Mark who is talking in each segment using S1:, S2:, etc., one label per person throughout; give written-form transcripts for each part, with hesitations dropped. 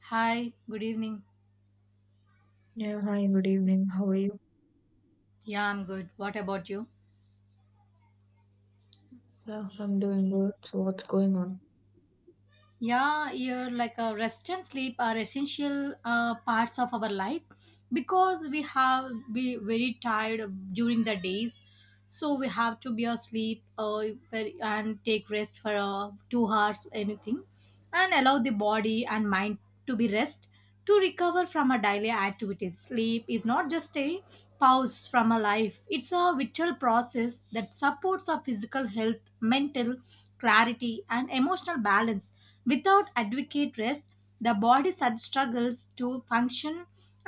S1: Hi, good evening.
S2: Yeah, hi, good evening. How are you?
S1: Yeah, I'm good. What about you?
S2: Yeah, I'm doing good. So what's going on?
S1: Yeah, rest and sleep are essential parts of our life because we have be very tired during the days, so we have to be asleep, and take rest for 2 hours anything, and allow the body and mind to be rest, to recover from our daily activities. Sleep is not just a pause from a life, it's a vital process that supports our physical health, mental clarity, and emotional balance. Without adequate rest, the body struggles to function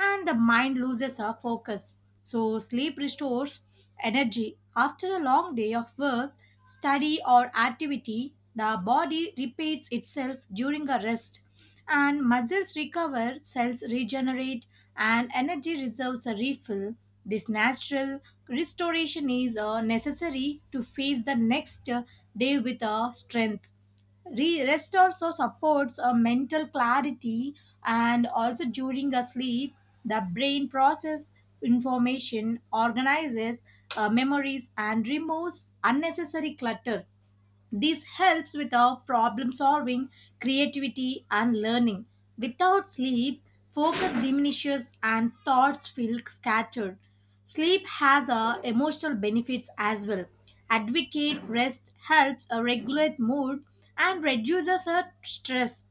S1: and the mind loses our focus. So, sleep restores energy. After a long day of work, study, or activity, the body repairs itself during a rest, and muscles recover, cells regenerate, and energy reserves are refilled. This natural restoration is necessary to face the next day with strength. Rest also supports a mental clarity, and also during a sleep the brain process information, organizes memories, and removes unnecessary clutter. This helps with our problem solving, creativity, and learning. Without sleep, focus diminishes and thoughts feel scattered. Sleep has a emotional benefits as well. Advocate rest helps a regulate mood and reduces a stress.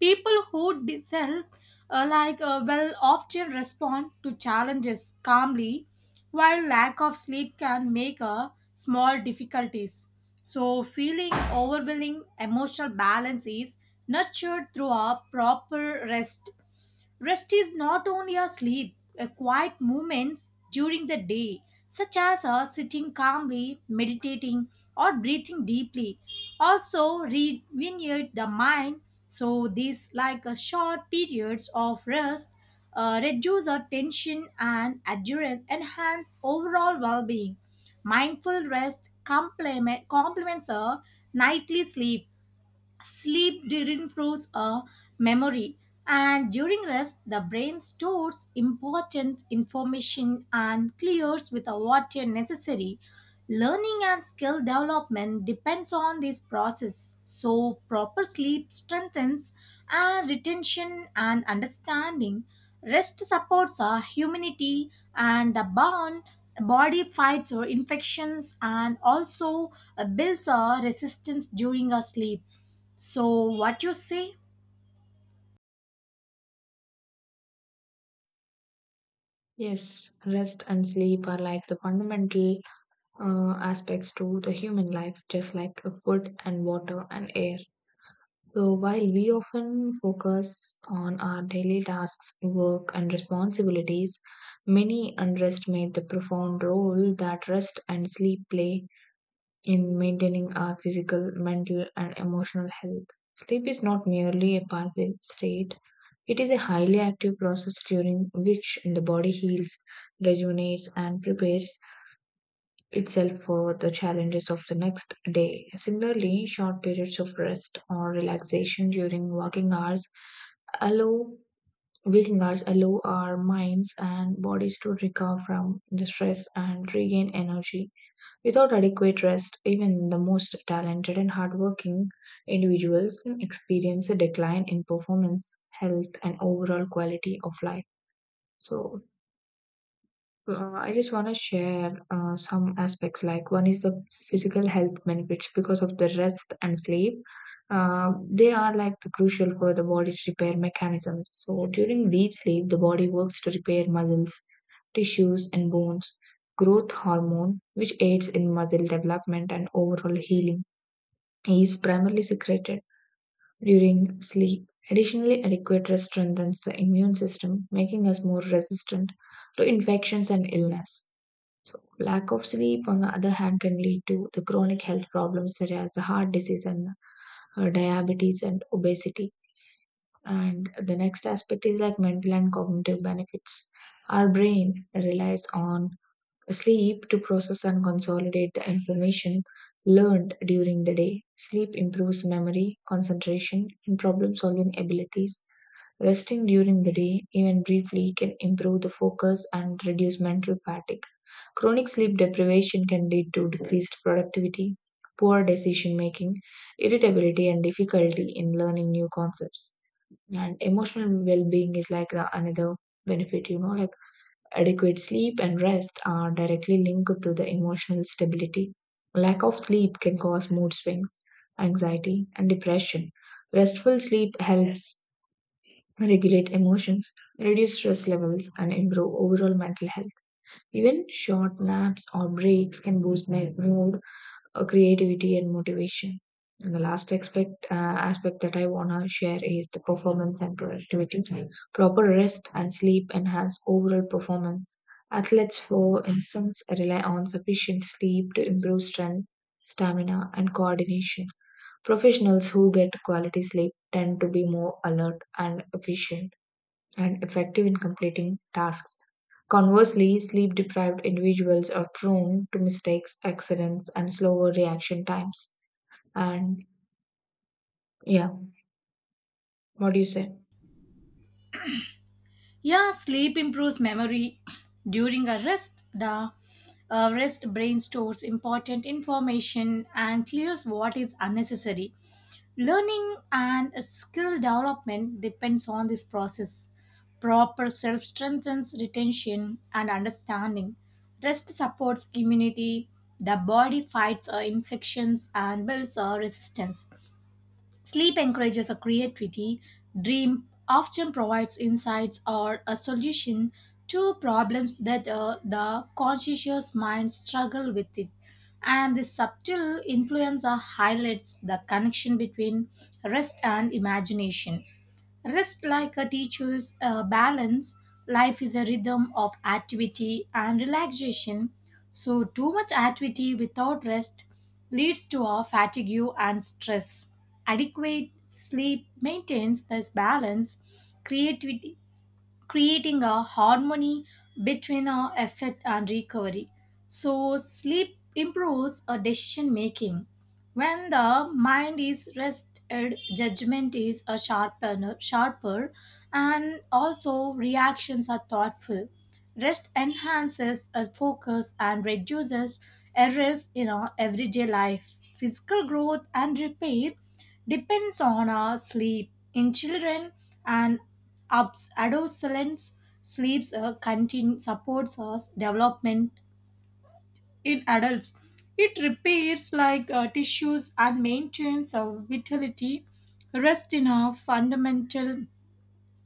S1: People who sell well often respond to challenges calmly, while lack of sleep can make a small difficulties so feeling overwhelming. Emotional balance is nurtured through a proper rest. Rest is not only a sleep, a quiet moments during the day, such as sitting calmly, meditating, or breathing deeply, also rejuvenate the mind. So these short periods of rest reduce our tension and adherence, enhance overall well-being. Mindful rest complements our nightly sleep. Sleep improves our memory, and during rest, the brain stores important information and clears with a water necessary. Learning and skill development depends on this process. So, proper sleep strengthens and retention and understanding. Rest supports our humanity and the bond. Body fights or infections and also builds a resistance during our sleep. So, what you say?
S2: Yes, rest and sleep are like the fundamental aspects to the human life, just like the food and water and air. So, while we often focus on our daily tasks, work, and responsibilities, many underestimate the profound role that rest and sleep play in maintaining our physical, mental, and emotional health. Sleep is not merely a passive state. It is a highly active process during which the body heals, rejuvenates, and prepares itself for the challenges of the next day. Similarly, short periods of rest or relaxation during working hours allow waking hours allow our minds and bodies to recover from the stress and regain energy. Without adequate rest, even the most talented and hardworking individuals can experience a decline in performance, health, and overall quality of life. So, I just want to share some aspects like one is the physical health benefits because of the rest and sleep. They are like the crucial for the body's repair mechanisms. So, during deep sleep, the body works to repair muscles tissues and bones. Growth hormone, which aids in muscle development and overall healing, is primarily secreted during sleep. Additionally, adequate rest strengthens the immune system, making us more resistant to infections and illness. So, lack of sleep, on the other hand, can lead to the chronic health problems such as heart disease and diabetes and obesity. And the next aspect is like mental and cognitive benefits. Our brain relies on sleep to process and consolidate the information learned during the day. Sleep improves memory, concentration, and problem solving abilities. Resting during the day, even briefly, can improve the focus and reduce mental fatigue. Chronic sleep deprivation can lead to decreased productivity, poor decision making, irritability, and difficulty in learning new concepts. And emotional well being is like the another benefit, you know, like adequate sleep and rest are directly linked to the emotional stability. Lack of sleep can cause mood swings, anxiety, and depression. Restful sleep helps regulate emotions, reduce stress levels, and improve overall mental health. Even short naps or breaks can boost my mood creativity and motivation. And the last aspect that I want to share is the performance and productivity. Proper rest and sleep enhance overall performance. Athletes, for instance, rely on sufficient sleep to improve strength, stamina, and coordination. Professionals who get quality sleep tend to be more alert and efficient and effective in completing tasks. Conversely, sleep deprived individuals are prone to mistakes, accidents, and slower reaction times. And yeah, what do you say?
S1: Yeah, sleep improves memory during a rest. The rest brain stores important information and clears what is unnecessary. Learning and skill development depends on this process. Proper self strengthens retention and understanding. Rest supports immunity. The body fights infections and builds resistance. Sleep encourages a creativity. Dream often provides insights or a solution to problems that the conscious mind struggle with it. And this subtle influence highlights the connection between rest and imagination. Rest like a teacher's balance. Life is a rhythm of activity and relaxation. So, too much activity without rest leads to a fatigue and stress. Adequate sleep maintains this balance. Creativity creating a harmony between our effort and recovery. So, sleep improves our decision making. When the mind is rested, judgment is a sharper, and also reactions are thoughtful. Rest enhances our focus and reduces errors in our everyday life. Physical growth and repair depends on our sleep. In children and adolescents, sleeps supports us development. In adults, it repairs tissues and maintains our vitality. Rest in a fundamental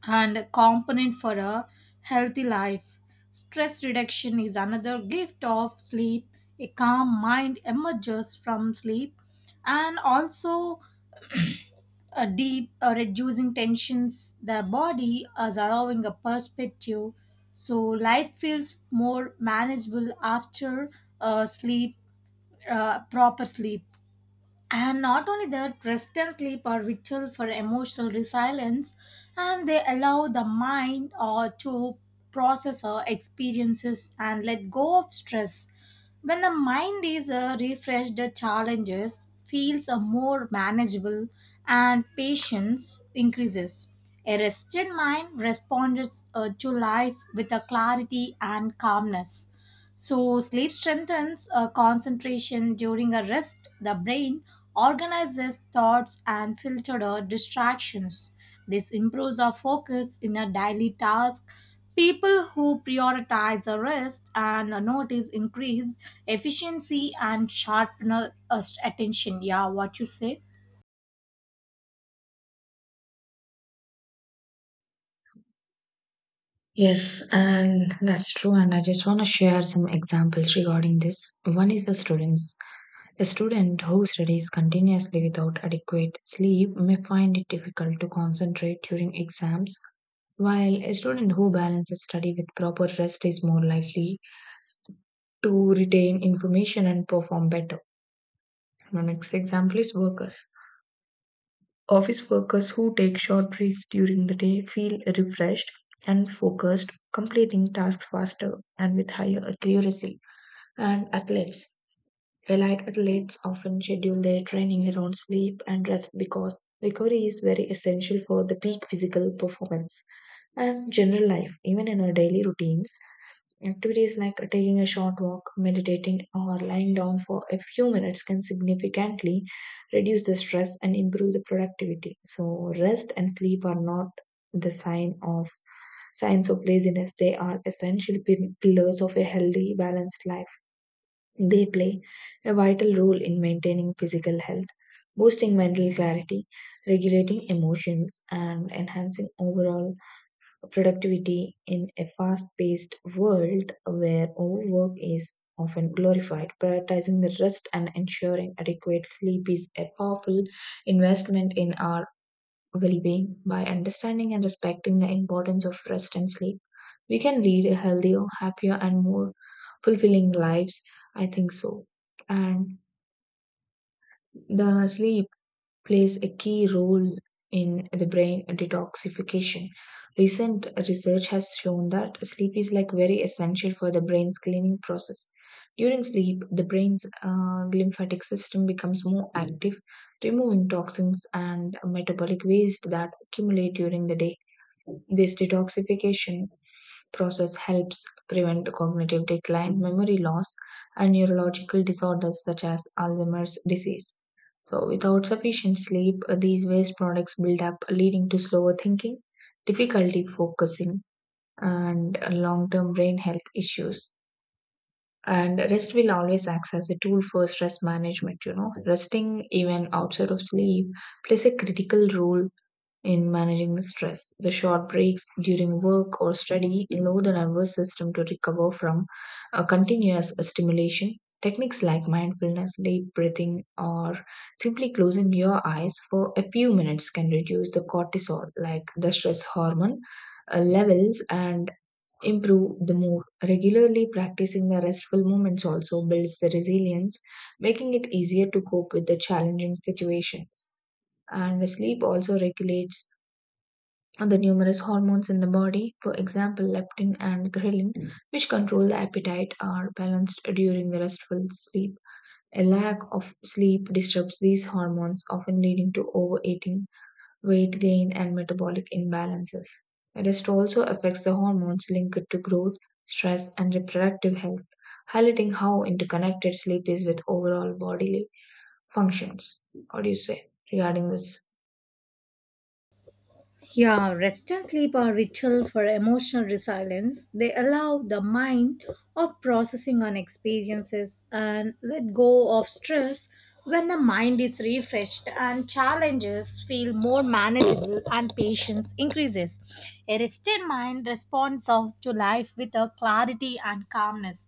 S1: and a component for a healthy life. Stress reduction is another gift of sleep. A calm mind emerges from sleep, and also a deep reducing tensions the body is allowing a perspective, so life feels more manageable after sleep proper sleep. And not only that, rest and sleep are vital for emotional resilience, and they allow the mind to process our experiences and let go of stress. When the mind is refreshed, the challenges feels more manageable and patience increases. A rested mind responds to life with a clarity and calmness. So, sleep strengthens concentration during a rest. The brain organizes thoughts and filters out distractions. This improves our focus in a daily task. People who prioritize a rest and notice increased efficiency and sharpener attention. Yeah, what you say?
S2: Yes, and that's true. And I just want to share some examples regarding this. One is the students. A student who studies continuously without adequate sleep may find it difficult to concentrate during exams, while a student who balances study with proper rest is more likely to retain information and perform better. My next example is workers. Office workers who take short breaks during the day feel refreshed and focused, completing tasks faster and with higher accuracy. And athletes, elite athletes often schedule their training around sleep and rest because recovery is very essential for the peak physical performance. And general life, even in our daily routines, activities like taking a short walk, meditating, or lying down for a few minutes can significantly reduce the stress and improve the productivity. So, rest and sleep are not the sign of signs of laziness; they are essential pillars of a healthy, balanced life. They play a vital role in maintaining physical health, boosting mental clarity, regulating emotions, and enhancing overall productivity in a fast paced world where overwork is often glorified. Prioritizing the rest and ensuring adequate sleep is a powerful investment in our well being by understanding and respecting the importance of rest and sleep. We can lead a healthier, happier, and more fulfilling lives. I think so. And the sleep plays a key role in the brain detoxification. Recent research has shown that sleep is like very essential for the brain's cleaning process. During sleep, the brain's lymphatic system becomes more active, removing toxins and metabolic waste that accumulate during the day. This detoxification process helps prevent cognitive decline, memory loss, and neurological disorders such as Alzheimer's disease. So, without sufficient sleep, these waste products build up, leading to slower thinking, difficulty focusing, and long term brain health issues. And rest will always act as a tool for stress management. You know, resting even outside of sleep plays a critical role in managing the stress. The short breaks during work or study allow the nervous system to recover from a continuous stimulation. Techniques like mindfulness, deep breathing, or simply closing your eyes for a few minutes can reduce the cortisol, like the stress hormone levels, and improve the mood. Regularly practicing the restful moments also builds the resilience, making it easier to cope with the challenging situations. And sleep also regulates the numerous hormones in the body, for example, leptin and ghrelin, which control the appetite, are balanced during the restful sleep. A lack of sleep disturbs these hormones, often leading to overeating, weight gain, and metabolic imbalances. Rest also affects the hormones linked to growth, stress, and reproductive health, highlighting how interconnected sleep is with overall bodily functions. What do you say regarding this?
S1: Yeah, rest and sleep are ritual for emotional resilience. They allow the mind of processing on experiences and let go of stress when the mind is refreshed, and challenges feel more manageable and patience increases. A rested mind responds out to life with a clarity and calmness.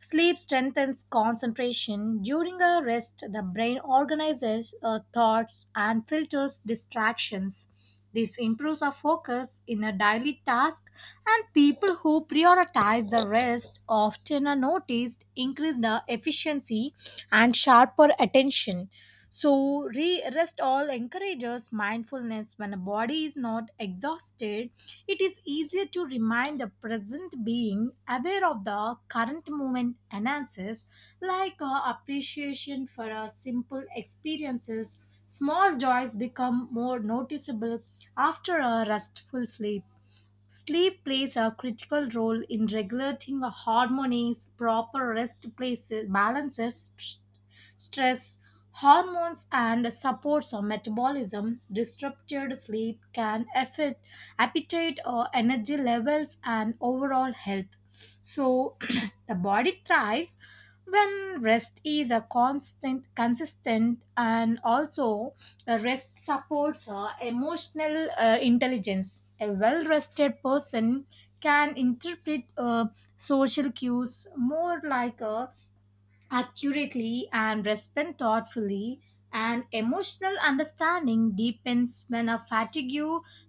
S1: Sleep strengthens concentration. During a rest, the brain organizes thoughts and filters distractions. This improves our focus in a daily task, and people who prioritize the rest often are noticed increase the efficiency and sharper attention. So, rest all encourages mindfulness when a body is not exhausted. It is easier to remind the present being aware of the current moment enhances, appreciation for our simple experiences. Small joys become more noticeable after a restful sleep. Sleep plays a critical role in regulating the hormones, proper rest places, balances stress hormones and supports our metabolism. Disrupted sleep can affect appetite or energy levels and overall health. So the body thrives when rest is a constant consistent, and also rest supports emotional intelligence. A well rested person can interpret social cues more accurately and respond thoughtfully. And emotional understanding deepens when a fatigue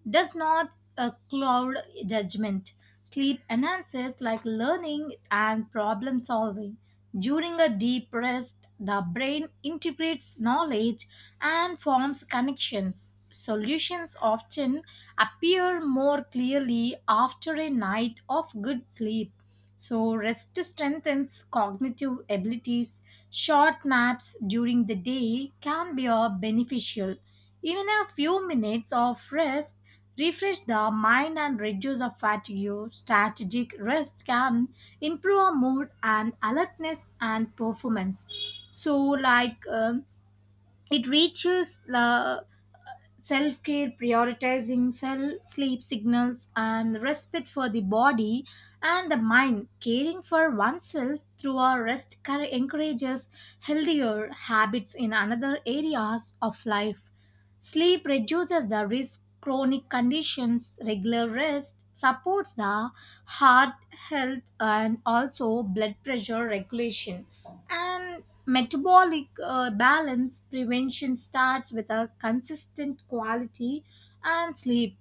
S1: does not cloud judgment. Sleep enhances like learning and problem solving. During a deep rest, the brain integrates knowledge and forms connections. Solutions often appear more clearly after a night of good sleep. So, rest strengthens cognitive abilities. Short naps during the day can be beneficial. Even a few minutes of rest refresh the mind and reduce the fatigue. Strategic rest can improve our mood and alertness and performance. So, it reaches the self care, prioritizing cell sleep signals, and respect for the body and the mind. Caring for oneself through our rest encourages healthier habits in another areas of life. Sleep reduces the risk chronic conditions. Regular rest supports the heart health and also blood pressure regulation and metabolic balance. Prevention starts with a consistent quality and sleep.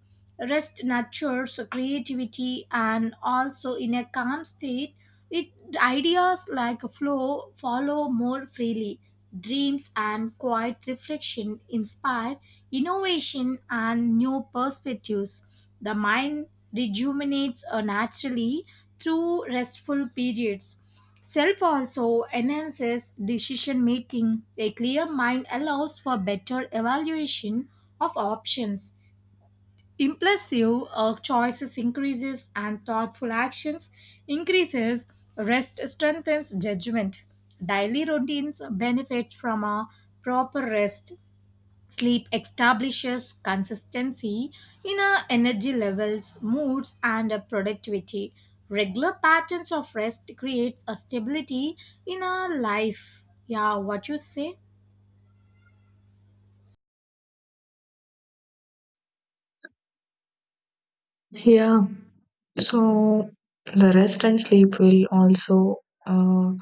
S1: Rest nurtures creativity, and also in a calm state, it ideas like flow follow more freely. Dreams and quiet reflection inspire innovation and new perspectives. The mind rejuvenates naturally through restful periods. Self also enhances decision making. A clear mind allows for better evaluation of options. Impulsive choices increases and thoughtful actions increases. Rest strengthens judgment. Daily routines benefit from a proper rest. Sleep establishes consistency in our energy levels, moods, and our productivity. Regular patterns of rest creates a stability in our life. Yeah, what you say?
S2: Yeah, so the rest and sleep will also uh,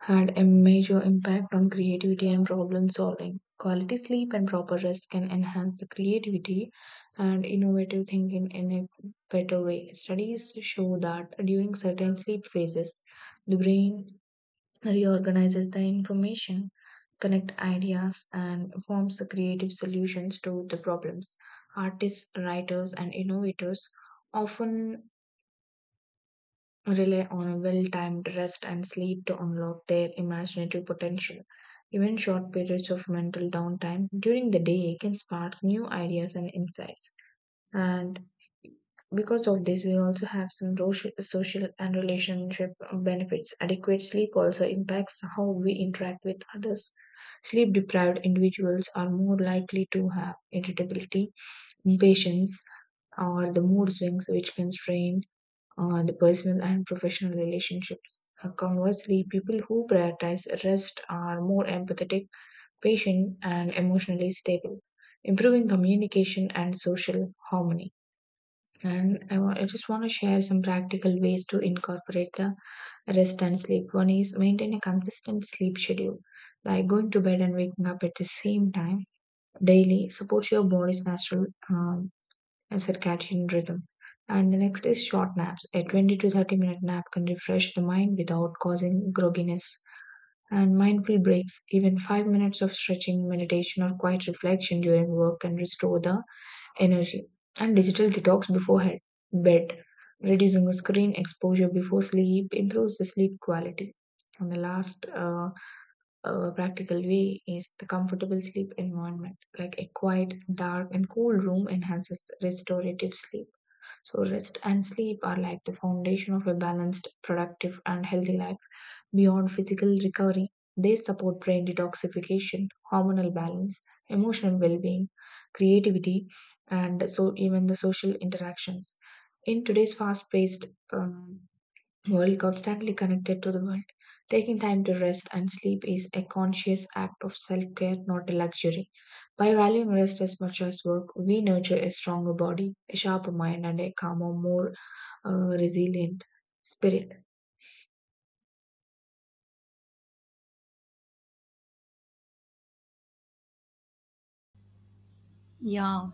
S2: had a major impact on creativity and problem solving. Quality sleep and proper rest can enhance the creativity and innovative thinking in a better way. Studies show that during certain sleep phases, the brain reorganizes the information, connect ideas, and forms the creative solutions to the problems. Artists, writers, and innovators often rely on a well timed rest and sleep to unlock their imaginative potential. Even short periods of mental downtime during the day can spark new ideas and insights. And because of this, we also have some social and relationship benefits. Adequate sleep also impacts how we interact with others. Sleep deprived individuals are more likely to have irritability, impatience, or the mood swings which constrain the personal and professional relationships. Conversely, people who prioritize rest are more empathetic, patient, and emotionally stable, improving communication and social harmony. And I just want to share some practical ways to incorporate the rest and sleep. One is maintain a consistent sleep schedule, like going to bed and waking up at the same time daily, support your body's natural and circadian rhythm. And the next is short naps. A 20 to 30 minute nap can refresh the mind without causing grogginess. And mindful breaks, even 5 minutes of stretching, meditation, or quiet reflection during work can restore the energy. And digital detox before bed. Reducing the screen exposure before sleep improves the sleep quality. And the last practical way is the comfortable sleep environment. Like a quiet, dark, and cool room enhances restorative sleep. So, rest and sleep are like the foundation of a balanced, productive, and healthy life. Beyond physical recovery, they support brain detoxification, hormonal balance, emotional well being, creativity, and so even the social interactions. In today's fast paced world constantly connected to the world. Taking time to rest and sleep is a conscious act of self care, not a luxury. By valuing rest as much as work, we nurture a stronger body, a sharper mind, and a calmer, more resilient spirit.
S1: Yeah.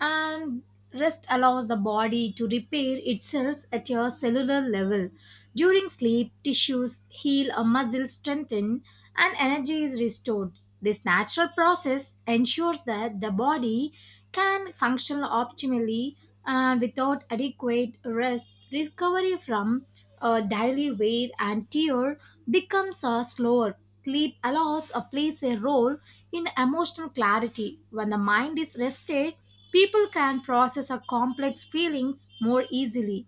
S1: And rest allows the body to repair itself at a cellular level. During sleep, tissues heal or muscles strengthen and energy is restored. This natural process ensures that the body can function optimally, and without adequate rest, recovery from a daily wear and tear becomes a slower. Sleep allows or plays a role in emotional clarity. When the mind is rested, people can process our complex feelings more easily.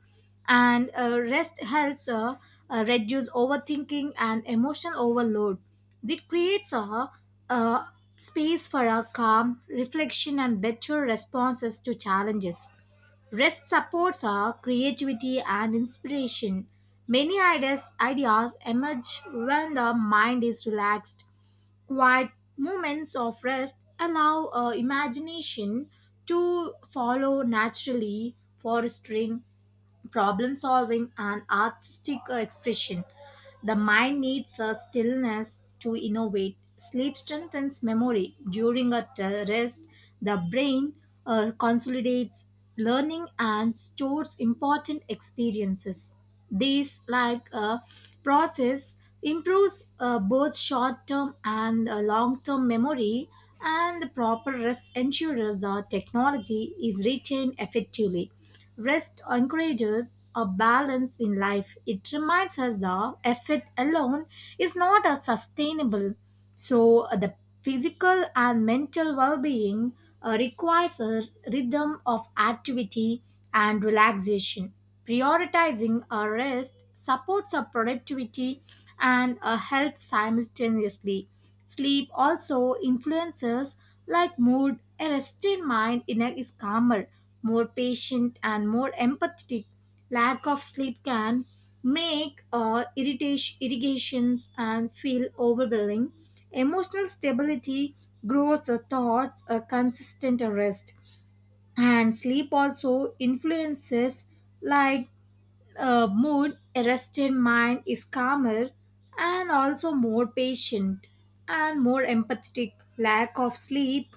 S1: And rest helps reduce overthinking and emotional overload. It creates a space for a calm reflection and better responses to challenges. Rest supports our creativity and inspiration. Many ideas emerge when the mind is relaxed. Quiet moments of rest allow imagination to follow naturally, fostering problem solving, and artistic expression. The mind needs a stillness to innovate. Sleep strengthens memory. During rest, the brain consolidates learning and stores important experiences. This, like a process, improves both short term and long term memory, and the proper rest ensures the technology is retained effectively. Rest encourages a balance in life. It reminds us the effort alone is not a sustainable. So, the physical and mental well being requires a rhythm of activity and relaxation. Prioritizing our rest supports our productivity and our health simultaneously. Sleep also influences like mood. A rested mind is calmer, more patient, and more empathetic. Lack of sleep can make irritation, irrigations and feel overwhelming. Emotional stability grows the thoughts a consistent rest, and sleep also influences like a mood. Arrested mind is calmer and also more patient and more empathetic. Lack of sleep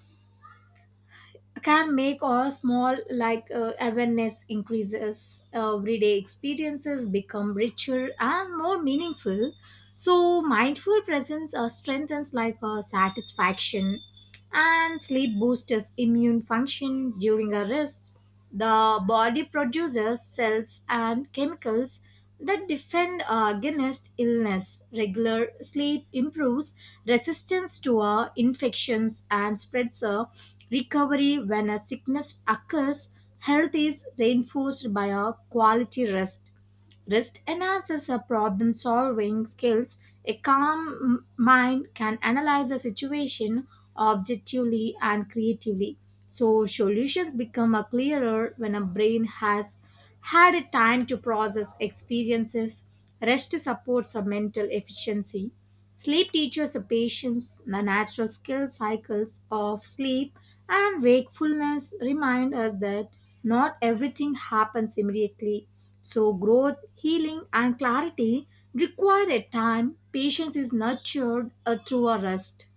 S1: can make a small awareness increases. Everyday experiences become richer and more meaningful. So mindful presence strengthens satisfaction, and sleep boosts immune function during a rest. The body produces cells and chemicals that defend against illness. Regular sleep improves resistance to infections and spreads a recovery when a sickness occurs. Health is reinforced by a quality rest. Rest enhances our problem solving skills. A calm mind can analyze a situation objectively and creatively. So, solutions become a clearer when a brain has had a time to process experiences. Rest supports our mental efficiency. Sleep teaches a patience. The natural skill cycles of sleep and wakefulness remind us that not everything happens immediately, so growth, healing, and clarity require a time. Patience is nurtured through a rest.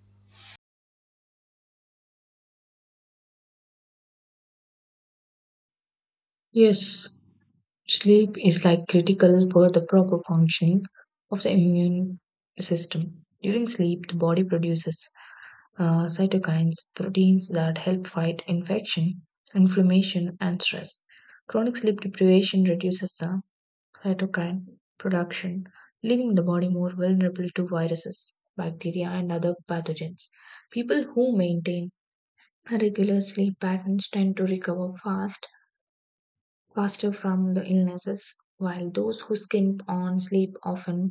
S2: Yes, sleep is like critical for the proper functioning of the immune system. During sleep, the body produces cytokines, proteins that help fight infection, inflammation, and stress. Chronic sleep deprivation reduces the cytokine production, leaving the body more vulnerable to viruses, bacteria, and other pathogens. People who maintain regular sleep patterns tend to faster from the illnesses, while those who skimp on sleep often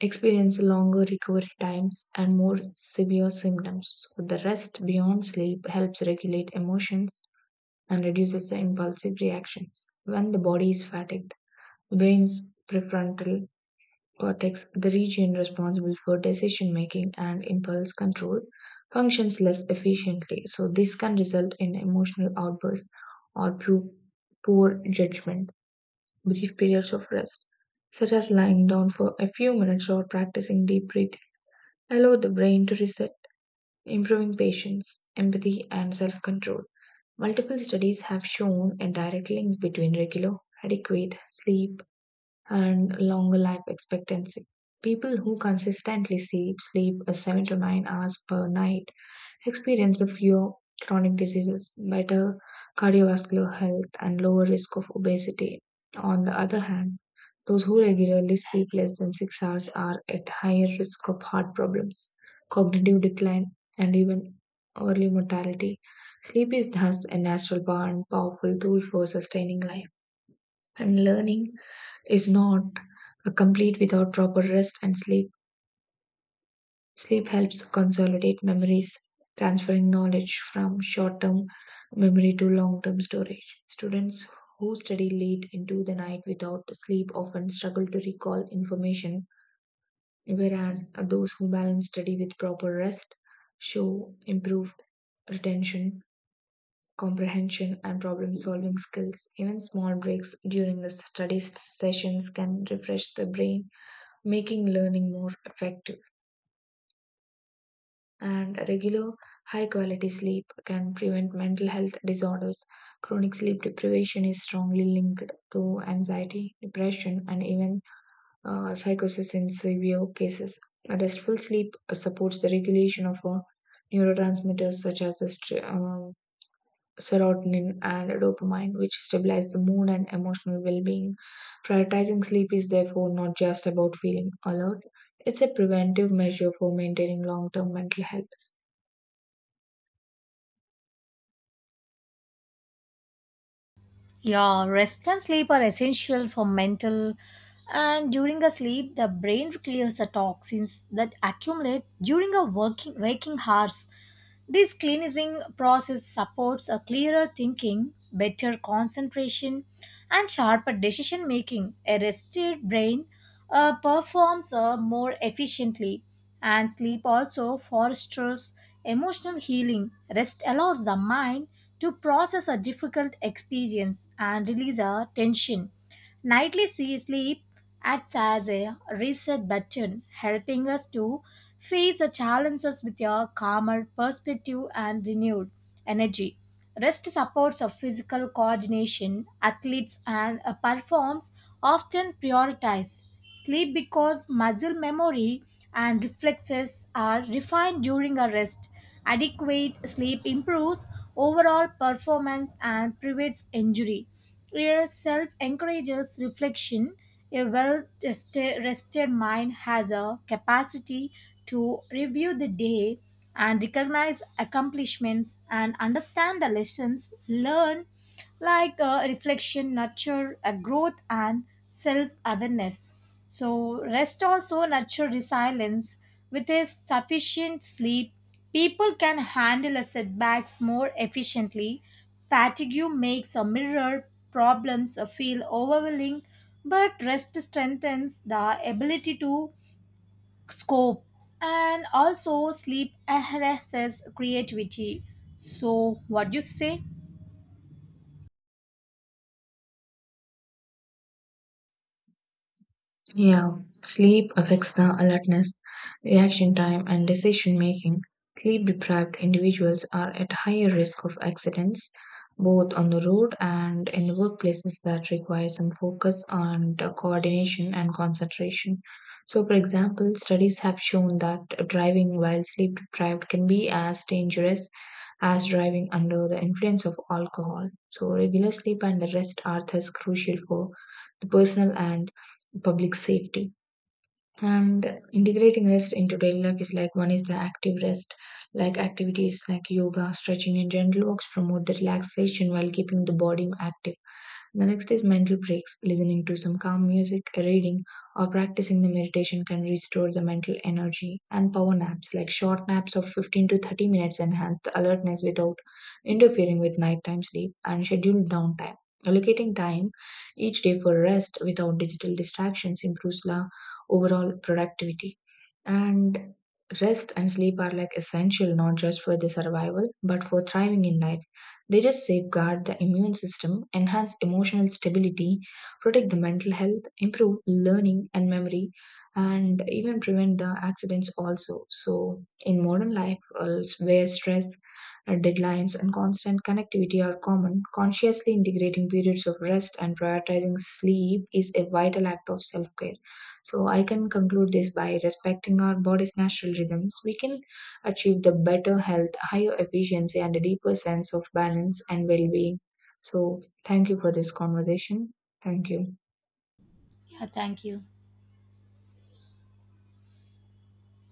S2: experience longer recovery times and more severe symptoms. So the rest beyond sleep helps regulate emotions and reduces the impulsive reactions. When the body is fatigued, brain's prefrontal cortex, the region responsible for decision making and impulse control, functions less efficiently. So this can result in emotional outbursts or poor judgment. Brief periods of rest, such as lying down for a few minutes or practicing deep breathing allow the brain to reset, improving patience, empathy, and self control. Multiple studies have shown a direct link between regular, adequate sleep and longer life expectancy. People who consistently sleep a 7 to 9 hours per night experience fewer chronic diseases, better cardiovascular health, and lower risk of obesity. On the other hand, those who regularly sleep less than 6 hours are at higher risk of heart problems, cognitive decline, and even early mortality. Sleep is thus a natural power and powerful tool for sustaining life. And learning is not a complete without proper rest and sleep. Sleep helps consolidate memories, transferring knowledge from short term memory to long term storage. Students who study late into the night without sleep often struggle to recall information, whereas those who balance study with proper rest show improved retention comprehension, and problem solving skills. Even small breaks during the study sessions can refresh the brain, making learning more effective. And regular high quality sleep can prevent mental health disorders. Chronic sleep deprivation is strongly linked to anxiety, depression, and even psychosis in severe cases. Restful sleep supports the regulation of neurotransmitters such as the serotonin and dopamine, which stabilize the mood and emotional well being. Prioritizing sleep is therefore not just about feeling alert, it's a preventive measure for maintaining long term mental health.
S1: Yeah, rest and sleep are essential for mental, and during a sleep the brain clears the toxins that accumulate during a working waking hours. This cleansing process supports a clearer thinking, better concentration, and sharper decision making. A rested brain performs more efficiently, and sleep also fosters emotional healing. Rest allows the mind to process a difficult experience and release a tension. Nightly sea sleep acts as a reset button, helping us to face the challenges with a calmer perspective and renewed energy. Rest supports of physical coordination. Athletes and performs often prioritize sleep because muscle memory and reflexes are refined during a rest. Adequate sleep improves overall performance and prevents injury. A self encourages reflection. A well rested mind has a capacity to review the day and recognize accomplishments and understand the lessons learned, reflection nurture a growth and self awareness. So, rest also nurture resilience. With a sufficient sleep, people can handle a setbacks more efficiently. Fatigue makes a mirror problems feel overwhelming, but rest strengthens the ability to scope. And also, sleep enhances creativity. So, what do you say?
S2: Yeah, sleep affects the alertness, reaction time, and decision making. Sleep deprived individuals are at higher risk of accidents, both on the road and in workplaces that require some focus and coordination and concentration. So, for example, studies have shown that driving while sleep deprived can be as dangerous as driving under the influence of alcohol. So, regular sleep and the rest are thus crucial for the personal and public safety. And integrating rest into daily life is like one is the active rest, like activities like yoga, stretching, and gentle walks promote the relaxation while keeping the body active. The next is mental breaks. Listening to some calm music, reading, or practicing the meditation can restore the mental energy. And power naps, like short naps of 15 to 30 minutes, enhance the alertness without interfering with nighttime sleep and scheduled downtime. Allocating time each day for rest without digital distractions improves the overall productivity. And rest and sleep are like essential not just for the survival but for thriving in life. They just safeguard the immune system, enhance emotional stability, protect the mental health, improve learning and memory, and even prevent the accidents also. So, in modern life, where stress, deadlines, and constant connectivity are common, consciously integrating periods of rest and prioritizing sleep is a vital act of self care. So, I can conclude this by respecting our body's natural rhythms. We can achieve the better health, higher efficiency, and a deeper sense of balance and well being. So, thank you for this conversation. Thank you.
S1: Yeah, thank you.